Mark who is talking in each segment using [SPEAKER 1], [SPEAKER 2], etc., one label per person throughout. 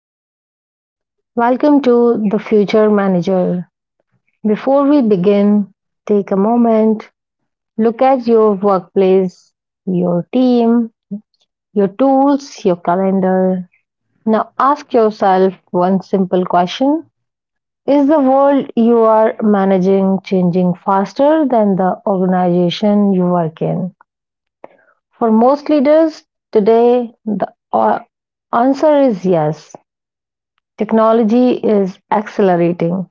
[SPEAKER 1] everyone. Welcome to The Future Manager. Before we begin, take a moment, look at your workplace, your team, your tools, your calendar. Now, ask yourself one simple question: Is the world you are managing changing faster than the organization you work in? For most leaders today, the answer is yes. Technology is accelerating.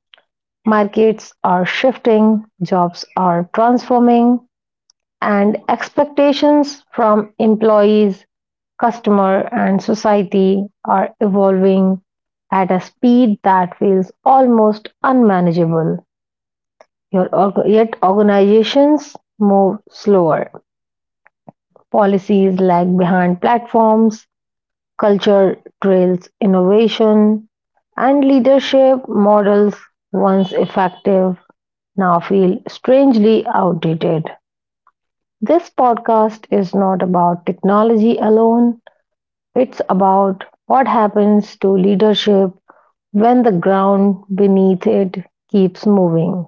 [SPEAKER 1] Markets are shifting, jobs are transforming, and expectations from employees, customer, and society are evolving at a speed that feels almost unmanageable. Yet organizations move slower. Policies lag behind platforms. Culture trails innovation, and leadership models, once effective, now feel strangely outdated. This podcast is not about technology alone, it's about what happens to leadership when the ground beneath it keeps moving.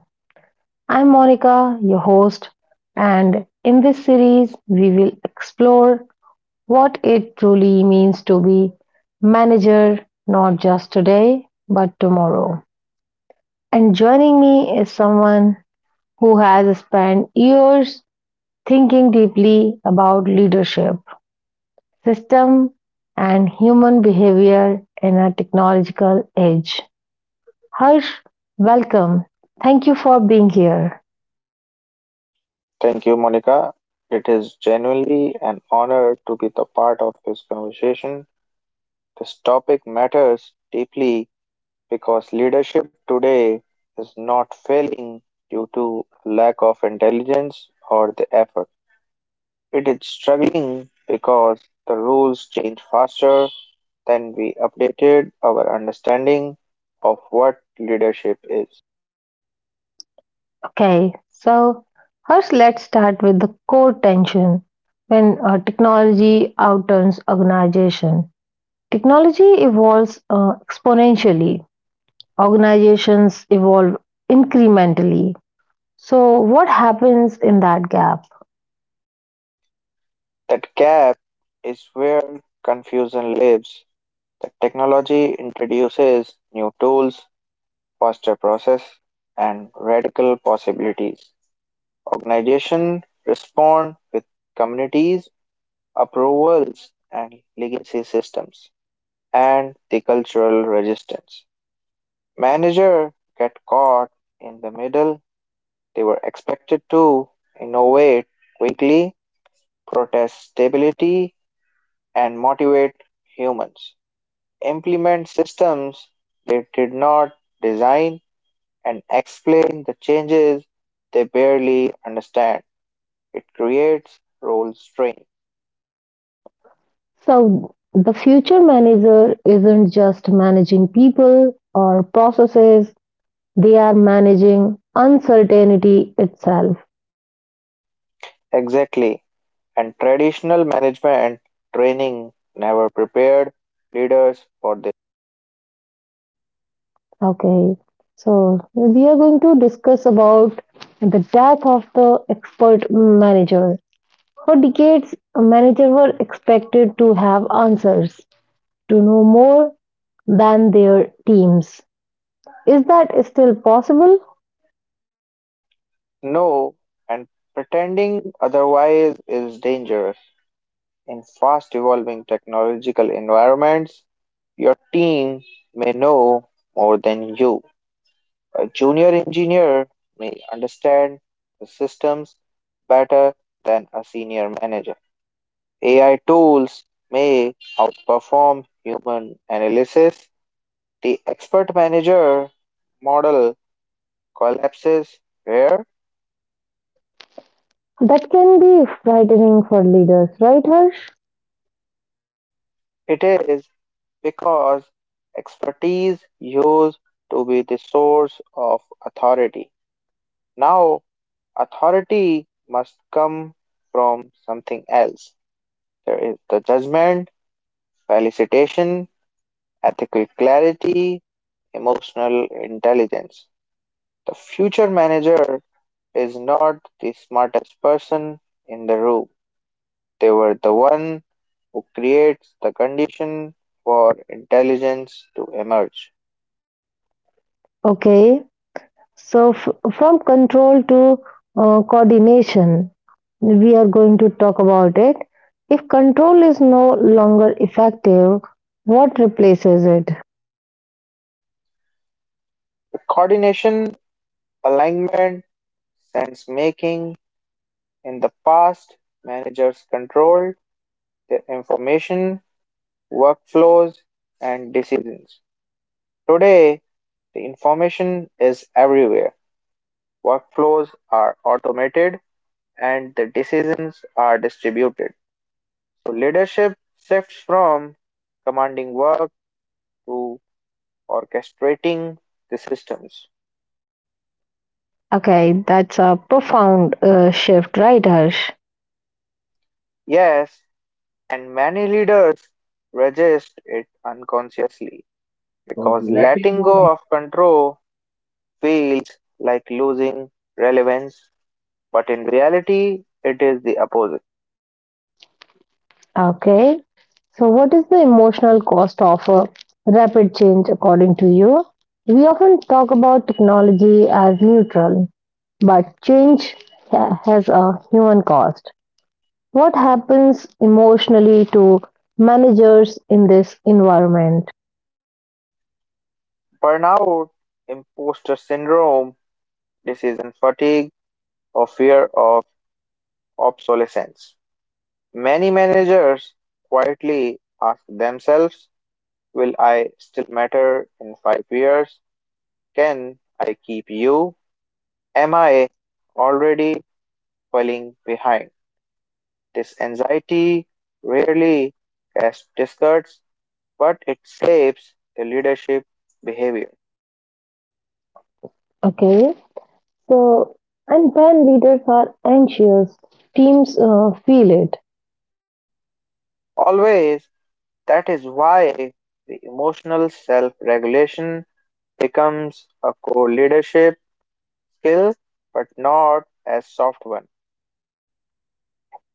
[SPEAKER 1] I'm Monica, your host, and in this series, we will explore what it truly means to be manager, not just today, but tomorrow. And joining me is someone who has spent years thinking deeply about leadership, system, and human behavior in a technological age. Harsh, welcome. Thank you for being here.
[SPEAKER 2] Thank you, Monica. It is genuinely an honor to be the part of this conversation. This topic matters deeply because leadership today is not failing due to lack of intelligence or the effort. It is struggling because the rules change faster than we updated our understanding of what leadership is.
[SPEAKER 1] Okay, so first let's start with the core tension when technology outturns organization. Technology evolves exponentially, organizations evolve incrementally. So, what happens in that gap?
[SPEAKER 2] That gap is where confusion lives. The technology introduces new tools, faster process, and radical possibilities. Organizations respond with communities, approvals, and legacy systems, and the cultural resistance. Manager get caught in the middle. They were expected to innovate quickly, protest stability, and motivate humans. Implement systems they did not design and explain the changes they barely understand. It creates role strain.
[SPEAKER 1] So, the future manager isn't just managing people or processes, they are managing uncertainty itself.
[SPEAKER 2] Exactly. And traditional management training never prepared leaders for this.
[SPEAKER 1] Okay, so we are going to discuss about the death of the expert manager. For decades, managers were expected to have answers to know more than their teams. Is that still possible?
[SPEAKER 2] No, and pretending otherwise is dangerous. In fast evolving technological environments, your team may know more than you. A junior engineer may understand the systems better than a senior manager. AI tools may outperform human analysis. The expert manager model collapses where
[SPEAKER 1] That can be frightening for leaders, right, Harsh?
[SPEAKER 2] it is because expertise used to be the source of authority. Now, authority must come from something else. There is the judgment, felicitation, ethical clarity, emotional intelligence. The future manager is not the smartest person in the room. They were the one who creates the condition for intelligence to emerge.
[SPEAKER 1] Okay, so from control to coordination, we are going to talk about it. If control is no longer effective, what replaces it?
[SPEAKER 2] The coordination, alignment, sense making in the past, managers controlled their information, workflows, and decisions. Today, the information is everywhere. Workflows are automated and the decisions are distributed. So leadership shifts from commanding work to orchestrating the systems.
[SPEAKER 1] Okay, that's a profound shift, right, Harsh?
[SPEAKER 2] Yes, and many leaders resist it unconsciously because letting go of control feels like losing relevance, but in reality, it is the opposite.
[SPEAKER 1] Okay. So, what is the emotional cost of a rapid change according to you? We often talk about technology as neutral, but change has a human cost. What happens emotionally to managers in this environment?
[SPEAKER 2] Burnout, imposter syndrome, decision fatigue, or fear of obsolescence. Many managers quietly ask themselves, will I still matter in 5 years? Can I keep you? Am I already falling behind? This anxiety rarely as discards, but it shapes the leadership behavior.
[SPEAKER 1] Okay. So, and when leaders are anxious, teams feel it.
[SPEAKER 2] Always, that is why the emotional self regulation becomes a core leadership skill, but not a soft one.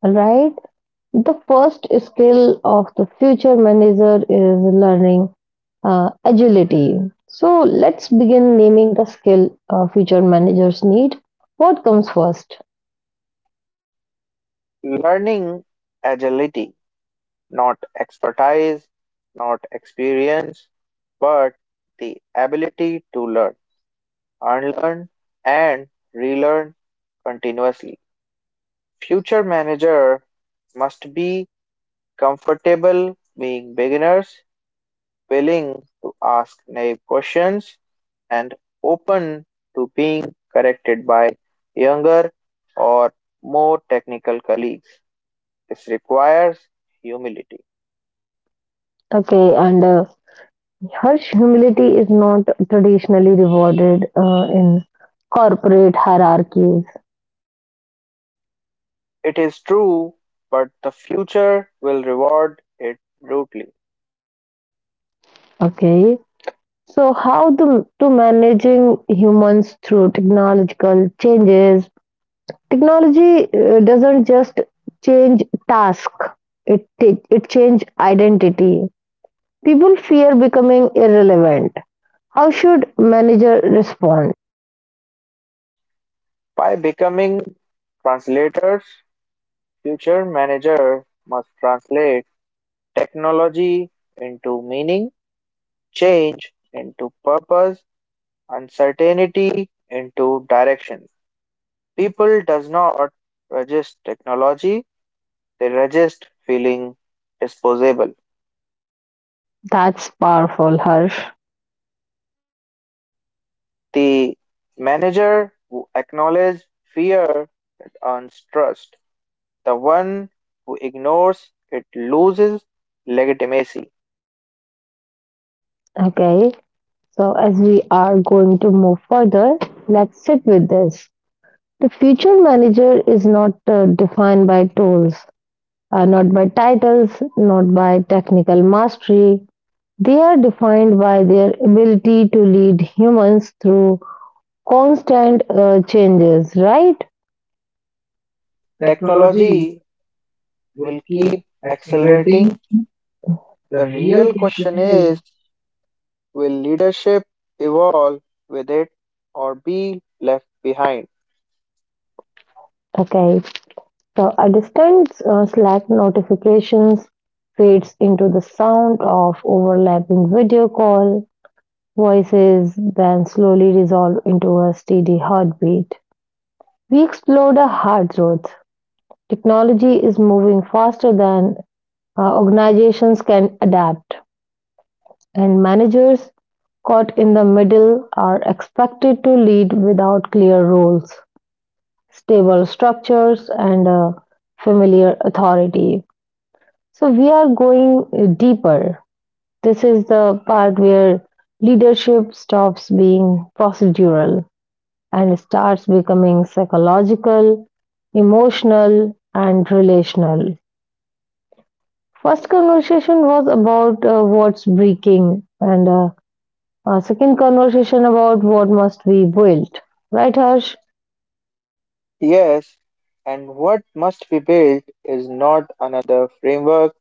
[SPEAKER 1] All right. The first skill of the future manager is learning. Agility. So let's begin naming the skill future managers need. What comes first?
[SPEAKER 2] Learning agility not expertise, not experience, but the ability to learn, unlearn, and relearn continuously. Future manager must be comfortable being beginners, willing to ask naive questions, and open to being corrected by younger or more technical colleagues. This requires humility.
[SPEAKER 1] Okay, and Harsh, humility is not traditionally rewarded in corporate hierarchies.
[SPEAKER 2] It is true, but the future will reward it brutally.
[SPEAKER 1] Okay, so how to managing humans through technological changes? Technology doesn't just change task; it change identity. People fear becoming irrelevant. How should manager respond?
[SPEAKER 2] By becoming translators, future managers must translate technology into meaning, change into purpose, uncertainty into direction. People does not resist technology, they resist feeling disposable.
[SPEAKER 1] That's powerful, Harsh.
[SPEAKER 2] The manager who acknowledges fear that earns trust. The one who ignores it loses legitimacy.
[SPEAKER 1] Okay, so as we are going to move further, let's sit with this. The future manager is not defined by tools, not by titles, not by technical mastery. They are defined by their ability to lead humans through constant changes, right?
[SPEAKER 2] Technology will keep accelerating. The real question is, will leadership evolve with it or be left behind?
[SPEAKER 1] Okay, The a distant Slack notifications fades into the sound of overlapping video call voices, then slowly resolve into a steady heartbeat. We explored a hard truth. Technology is moving faster than organizations can adapt, and managers caught in the middle are expected to lead without clear roles, stable structures, and a familiar authority. So we are going deeper. This is the part where leadership stops being procedural and starts becoming psychological, emotional, and relational. First conversation was about what's breaking, and second conversation about what must be built. Right, Harsh?
[SPEAKER 2] Yes, and what must be built is not another framework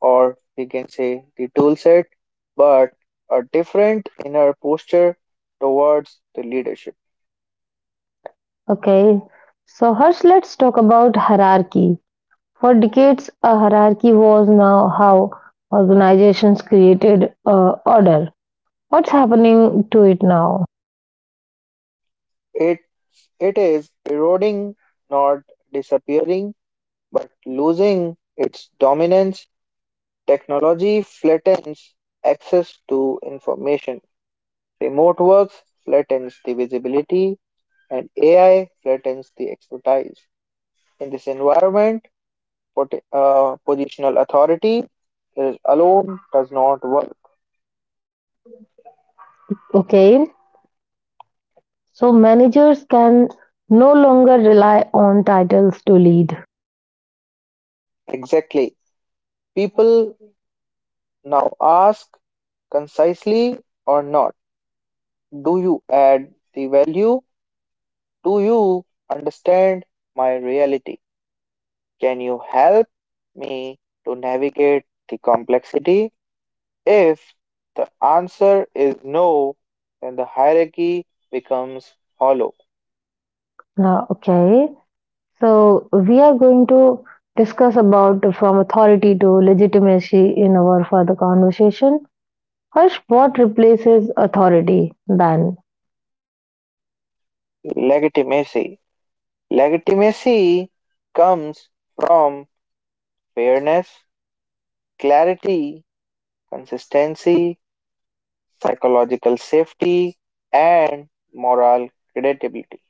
[SPEAKER 2] or we can say the tool set, but a different inner posture towards the leadership.
[SPEAKER 1] Okay. So, Harsh, let's talk about hierarchy. For decades, a hierarchy was now how organizations created order. What's happening to it now?
[SPEAKER 2] It it is eroding, not disappearing, but losing its dominance. Technology flattens access to information. Remote works flattens the visibility and AI flattens the expertise. In this environment, positional authority is alone does not work.
[SPEAKER 1] Okay, so managers can no longer rely on titles to lead.
[SPEAKER 2] Exactly. People now ask concisely or not, do you add the value? Do you understand my reality? Can you help me to navigate the complexity? If the answer is no, then the hierarchy becomes hollow.
[SPEAKER 1] Now, okay, so we are going to discuss about from authority to legitimacy in our further conversation. Harsh, what replaces authority then?
[SPEAKER 2] Legitimacy. Legitimacy comes from fairness, clarity, consistency, psychological safety, and moral credibility.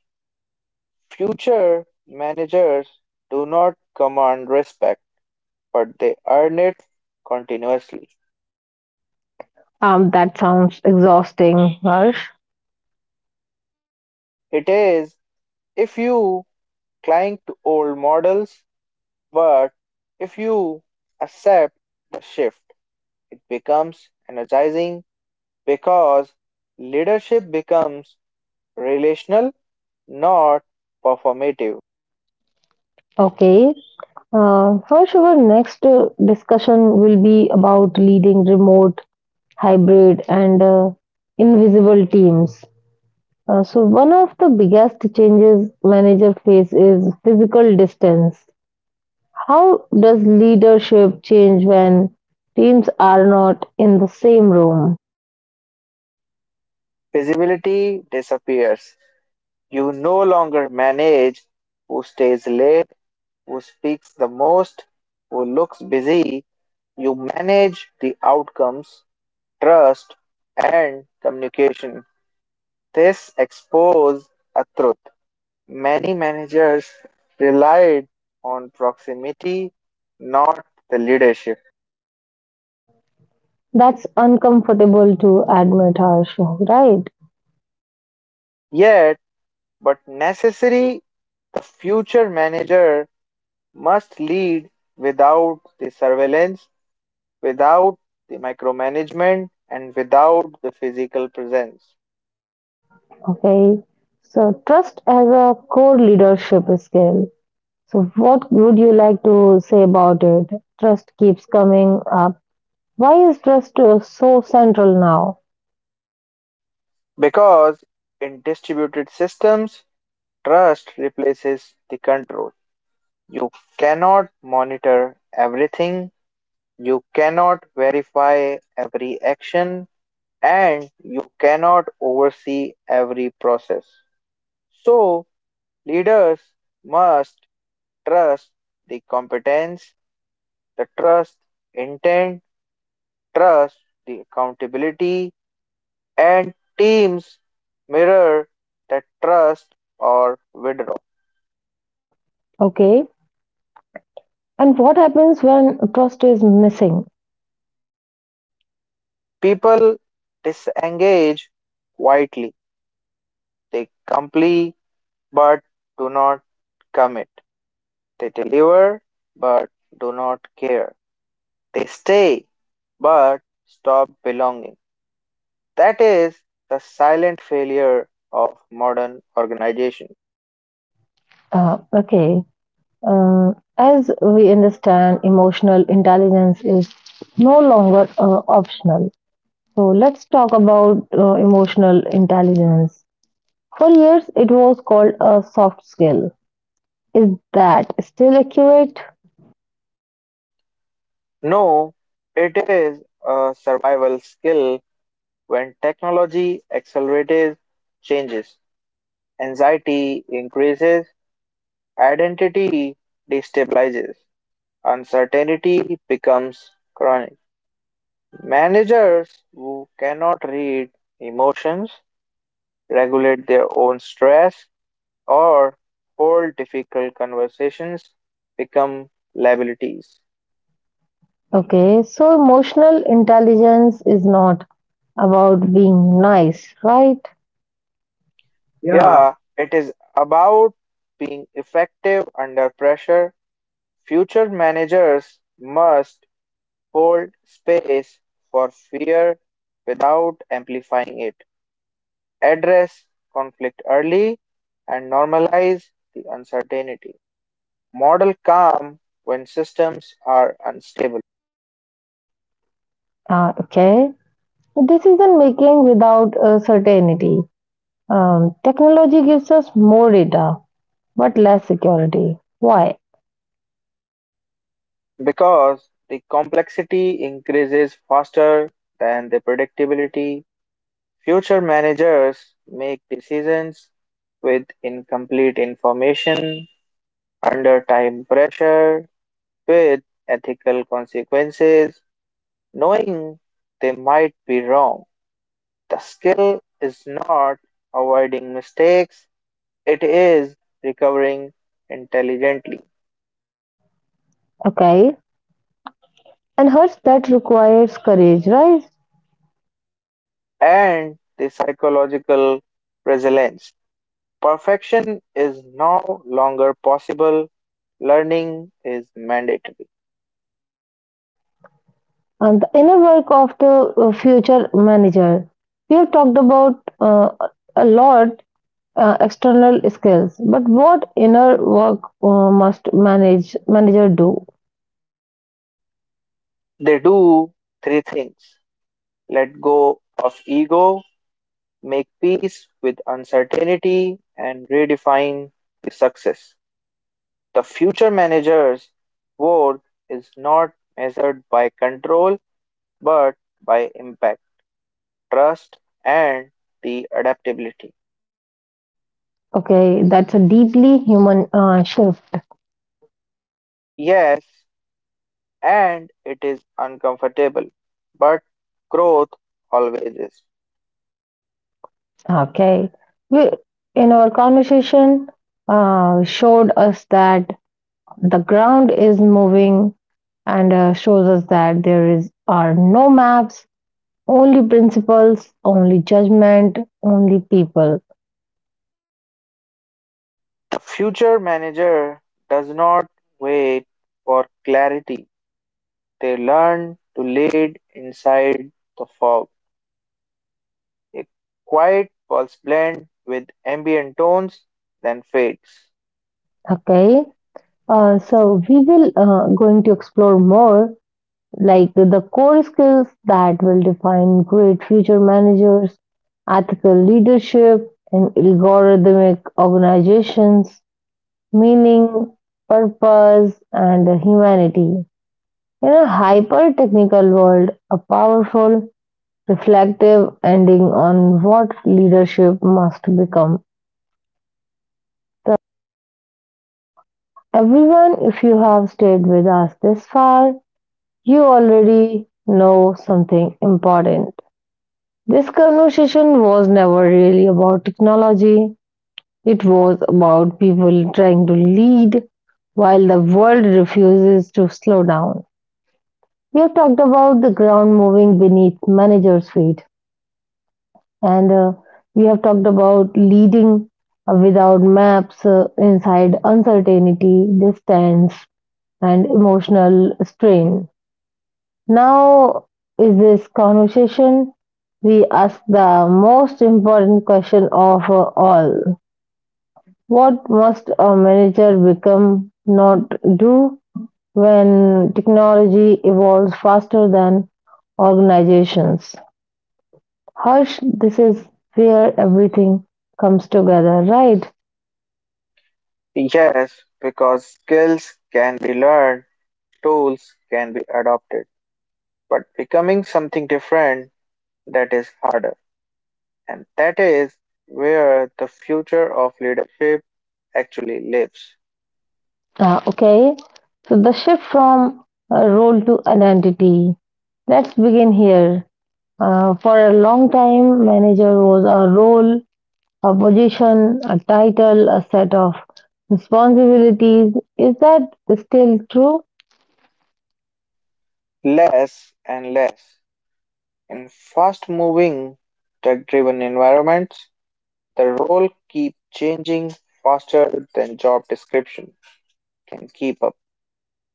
[SPEAKER 2] Future managers do not command respect, but they earn it continuously.
[SPEAKER 1] That sounds exhausting, Harsh.
[SPEAKER 2] It is if you cling to old models, but if you accept the shift, it becomes energizing because leadership becomes relational, not performative.
[SPEAKER 1] Okay, Harsh, our next discussion will be about leading remote, hybrid, and invisible teams. So, one of the biggest changes manager face is physical distance. How does leadership change when teams are not in the same room?
[SPEAKER 2] Visibility disappears. You no longer manage who stays late, who speaks the most, who looks busy. You manage the outcomes, trust, and communication. This exposes a truth. Many managers relied on proximity, not the leadership.
[SPEAKER 1] That's uncomfortable to admit, Harsh, right?
[SPEAKER 2] Yet, but necessary, the future manager must lead without the surveillance, without the micromanagement, and without the physical presence.
[SPEAKER 1] Okay. So, trust as a core leadership skill. So, what would you like to say about it? Trust keeps coming up. Why is trust so central now?
[SPEAKER 2] Because in distributed systems, trust replaces the control. You cannot monitor everything, you cannot verify every action, and you cannot oversee every process. So, leaders must trust the competence, the trust intent, trust the accountability, and teams mirror that trust or withdraw.
[SPEAKER 1] Okay. And what happens when trust is missing?
[SPEAKER 2] People disengage quietly. They comply but do not commit. They deliver but do not care. They stay but stop belonging. That is the silent failure of modern organization.
[SPEAKER 1] Okay. Uh, as we understand, emotional intelligence is no longer optional. So, let's talk about emotional intelligence. For years, it was called a soft skill. Is that still accurate?
[SPEAKER 2] No, it is a survival skill when technology accelerates changes. Anxiety increases, identity destabilizes, uncertainty becomes chronic. Managers who cannot read emotions, regulate their own stress, or hold difficult conversations become liabilities.
[SPEAKER 1] Okay, so emotional intelligence is not about being nice, right?
[SPEAKER 2] Yeah, it is about being effective under pressure. Future managers must hold space for fear without amplifying it, address conflict early, and normalize the uncertainty. Model calm when systems are unstable
[SPEAKER 1] Ah, okay, decision making without certainty. Technology gives us more data but less security. Why?
[SPEAKER 2] because the complexity increases faster than the predictability. Future managers make decisions with incomplete information, under time pressure, with ethical consequences knowing they might be wrong. The skill is not avoiding mistakes, it is recovering intelligently.
[SPEAKER 1] Okay, and hurts that requires courage, right?
[SPEAKER 2] And the psychological resilience. Perfection is no longer possible, learning is mandatory.
[SPEAKER 1] And the inner work of the future manager. We have talked about a lot external skills, but what inner work must manager do?
[SPEAKER 2] They do three things: let go of ego, make peace with uncertainty, and redefine the success. The future manager's worth is not measured by control but by impact, trust, and the adaptability.
[SPEAKER 1] Okay, that's a deeply human shift.
[SPEAKER 2] Yes, and it is uncomfortable, but growth always is.
[SPEAKER 1] Okay, we in our conversation showed us that the ground is moving and shows us that there is are no maps, only principles, only judgment, only people.
[SPEAKER 2] The future manager does not wait for clarity, they learn to lead inside the fog. A quiet pulse blend with ambient tones, then fades.
[SPEAKER 1] Okay, so we will going to explore more like the core skills that will define great future managers, ethical leadership, and algorithmic organizations, meaning, purpose, and humanity. In a hyper technical world, a powerful, reflective ending on what leadership must become. So, everyone, if you have stayed with us this far, you already know something important. This conversation was never really about technology. It was about people trying to lead while the world refuses to slow down. We have talked about the ground moving beneath managers' feet, and we have talked about leading without maps inside uncertainty, distance, and emotional strain. Now, in this conversation, we ask the most important question of all: What must a manager become, not do, when technology evolves faster than organizations? Harsh, this is where everything comes together, right?
[SPEAKER 2] Yes, because skills can be learned, tools can be adopted, but becoming something different, that is harder. And that is where the future of leadership actually lives.
[SPEAKER 1] Ah, okay, so the shift from role to identity. Let's begin here. For a long time, manager was a role, a position, a title, a set of responsibilities. Is that still true?
[SPEAKER 2] Less and less. In fast moving, tech driven environments, the role keep changing faster than job description can keep up.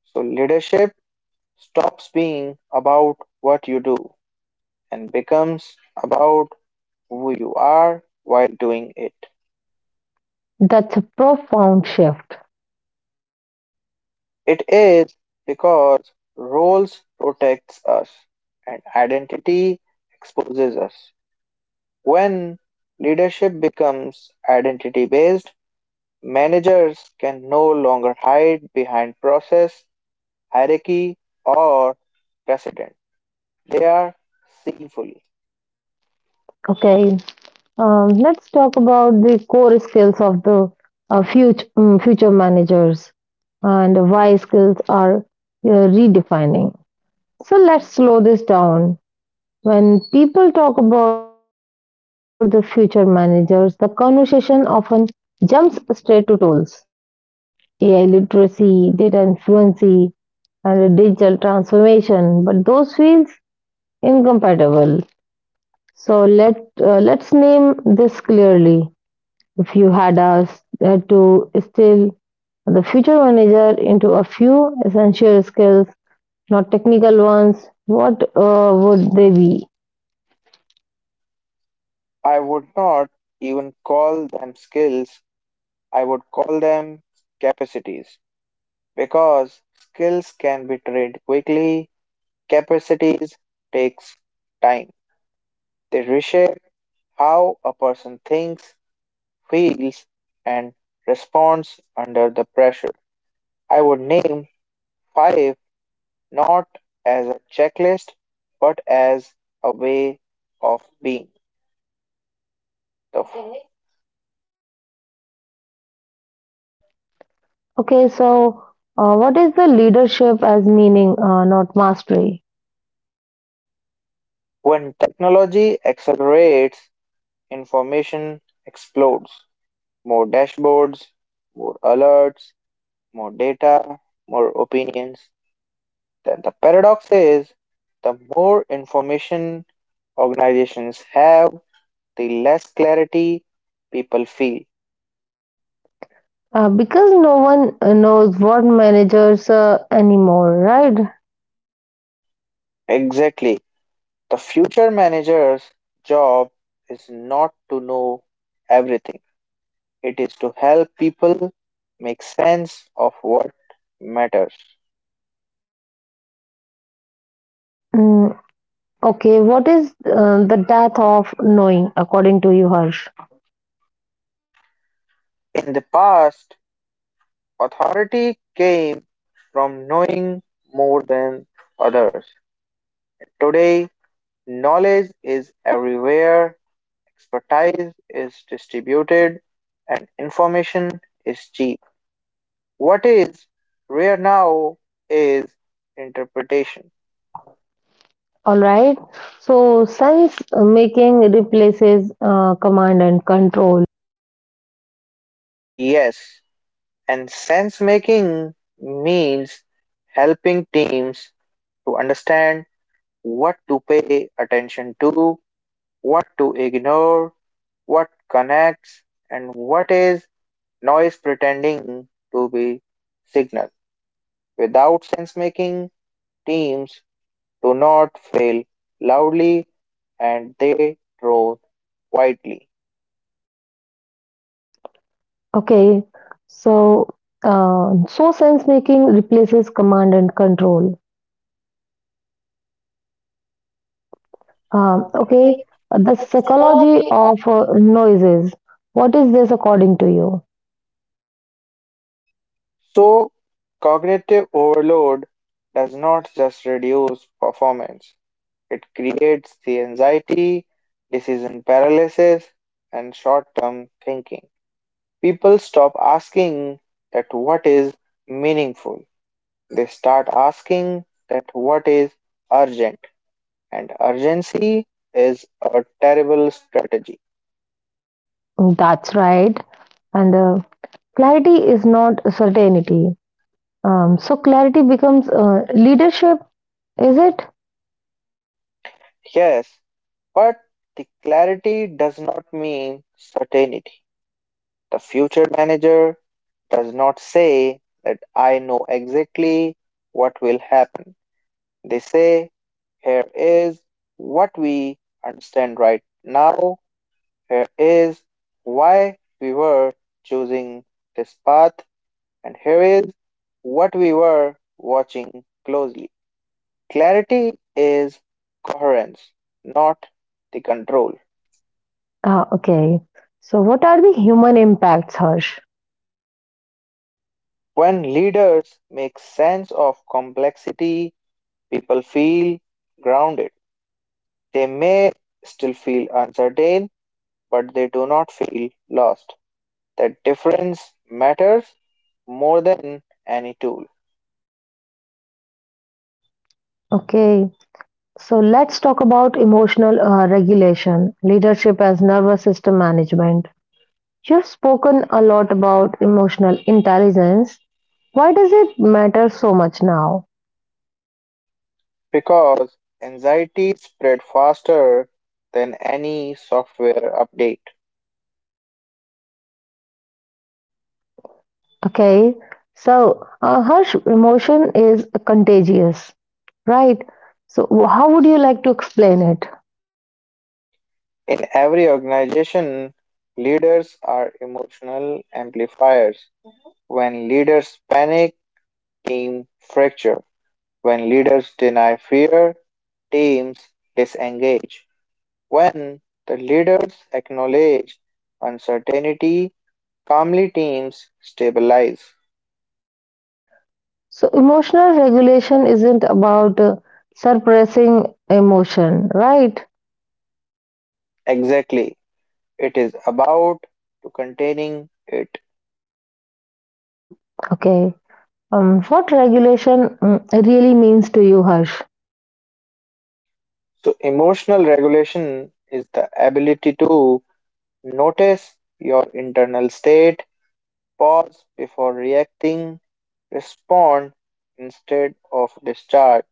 [SPEAKER 2] So leadership stops being about what you do and becomes about who you are while doing it.
[SPEAKER 1] That's a profound shift.
[SPEAKER 2] It is because roles protects us and identity exposes us. When leadership becomes identity based, managers can no longer hide behind process, hierarchy, or precedent. They are seen fully.
[SPEAKER 1] Okay, let's talk about the core skills of the future managers and why skills are redefining. So let's slow this down. When people talk about the future managers, the conversation often jumps straight to tools. AI literacy, data influency, and a digital transformation, but those fields incompatible. So let's name this clearly. If you had us to still the future manager into a few essential skills, not technical ones, what would they be?
[SPEAKER 2] I would not even call them skills, I would call them capacities. Because skills can be trained quickly, capacities takes time. They reshape how a person thinks, feels, and responds under the pressure. I would name five not as a checklist but as a way of being. The f-
[SPEAKER 1] Okay, so what is the leadership as meaning, not mastery?
[SPEAKER 2] when technology accelerates, information explodes. More dashboards, more alerts, more data, more opinions. Then the paradox is the more information organizations have, the less clarity people feel.
[SPEAKER 1] Because no one knows what managers anymore, right?
[SPEAKER 2] Exactly. The future manager's job is not to know everything, it is to help people make sense of what matters.
[SPEAKER 1] Mm, okay, what is the death of knowing, according to you, Harsh?
[SPEAKER 2] In the past, authority came from knowing more than others. Today, knowledge is everywhere, expertise is distributed, and information is cheap. What is rare now is interpretation.
[SPEAKER 1] All right, so sense making replaces command and control.
[SPEAKER 2] Yes, and sense making means helping teams to understand what to pay attention to, what to ignore, what connects, and what is noise pretending to be signal. Without sense making, teams do not fail loudly and they drone quietly.
[SPEAKER 1] Okay, so so sense making replaces command and control. Okay, the psychology of noises. What is this according to you?
[SPEAKER 2] So, cognitive overload does not just reduce performance, it creates the anxiety, decision paralysis, and short term thinking. People stop asking that what is meaningful, they start asking that what is urgent, and urgency is a terrible strategy.
[SPEAKER 1] That's right. And clarity is not certainty. So clarity becomes leadership, is it?
[SPEAKER 2] Yes, but the clarity does not mean certainty. The future manager does not say that I know exactly what will happen. They say, here is what we understand right now, here is why we were choosing this path, and here is what we were watching closely. Clarity is coherence, not the control.
[SPEAKER 1] Okay. So what are the human impacts, Harsh?
[SPEAKER 2] When leaders make sense of complexity, people feel grounded. They may still feel uncertain, but they do not feel lost. That difference matters more than any tool
[SPEAKER 1] Okay. So let's talk about emotional regulation, leadership as nervous system management. You've spoken a lot about emotional intelligence. Why does it matter so much now?
[SPEAKER 2] because anxiety spread faster than any software update.
[SPEAKER 1] Okay, so Harsh, emotion is contagious, right? So, how would you like to explain it?
[SPEAKER 2] In every organization, leaders are emotional amplifiers. When leaders panic, team fracture. When leaders deny fear, teams disengage. When the leaders acknowledge uncertainty, calmly teams stabilize.
[SPEAKER 1] So, emotional regulation isn't about suppressing emotion, right?
[SPEAKER 2] Exactly. It is about to containing it.
[SPEAKER 1] Okay, what regulation really means to you, Harsh?
[SPEAKER 2] So emotional regulation is the ability to notice your internal state, pause before reacting, respond instead of discharge.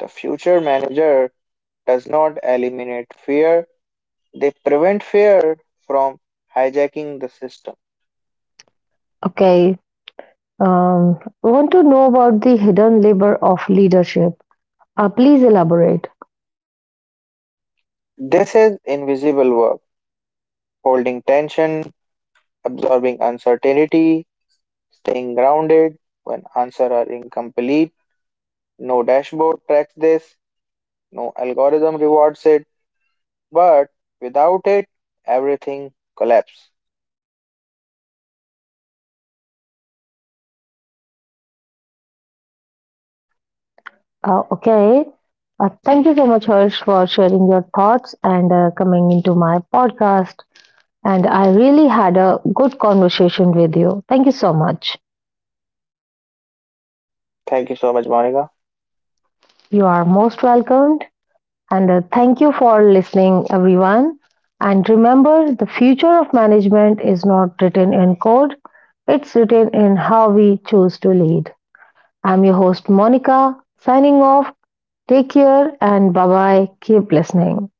[SPEAKER 2] The future manager does not eliminate fear, they prevent fear from hijacking the system.
[SPEAKER 1] Okay, um, I want to know about the hidden labor of leadership. Please elaborate.
[SPEAKER 2] This is invisible work, holding tension, absorbing uncertainty, staying grounded when answers are incomplete. No dashboard tracks this, no algorithm rewards it, but without it, everything collapses.
[SPEAKER 1] Okay. Thank you so much, Harsh, for sharing your thoughts and coming into my podcast. And I really had a good conversation with you. Thank you so much.
[SPEAKER 2] Thank you so much, Monica.
[SPEAKER 1] You are most welcomed. And thank you for listening, everyone. And remember, the future of management is not written in code, it's written in how we choose to lead. I'm your host, Monica, signing off. Take care and bye bye. Keep listening.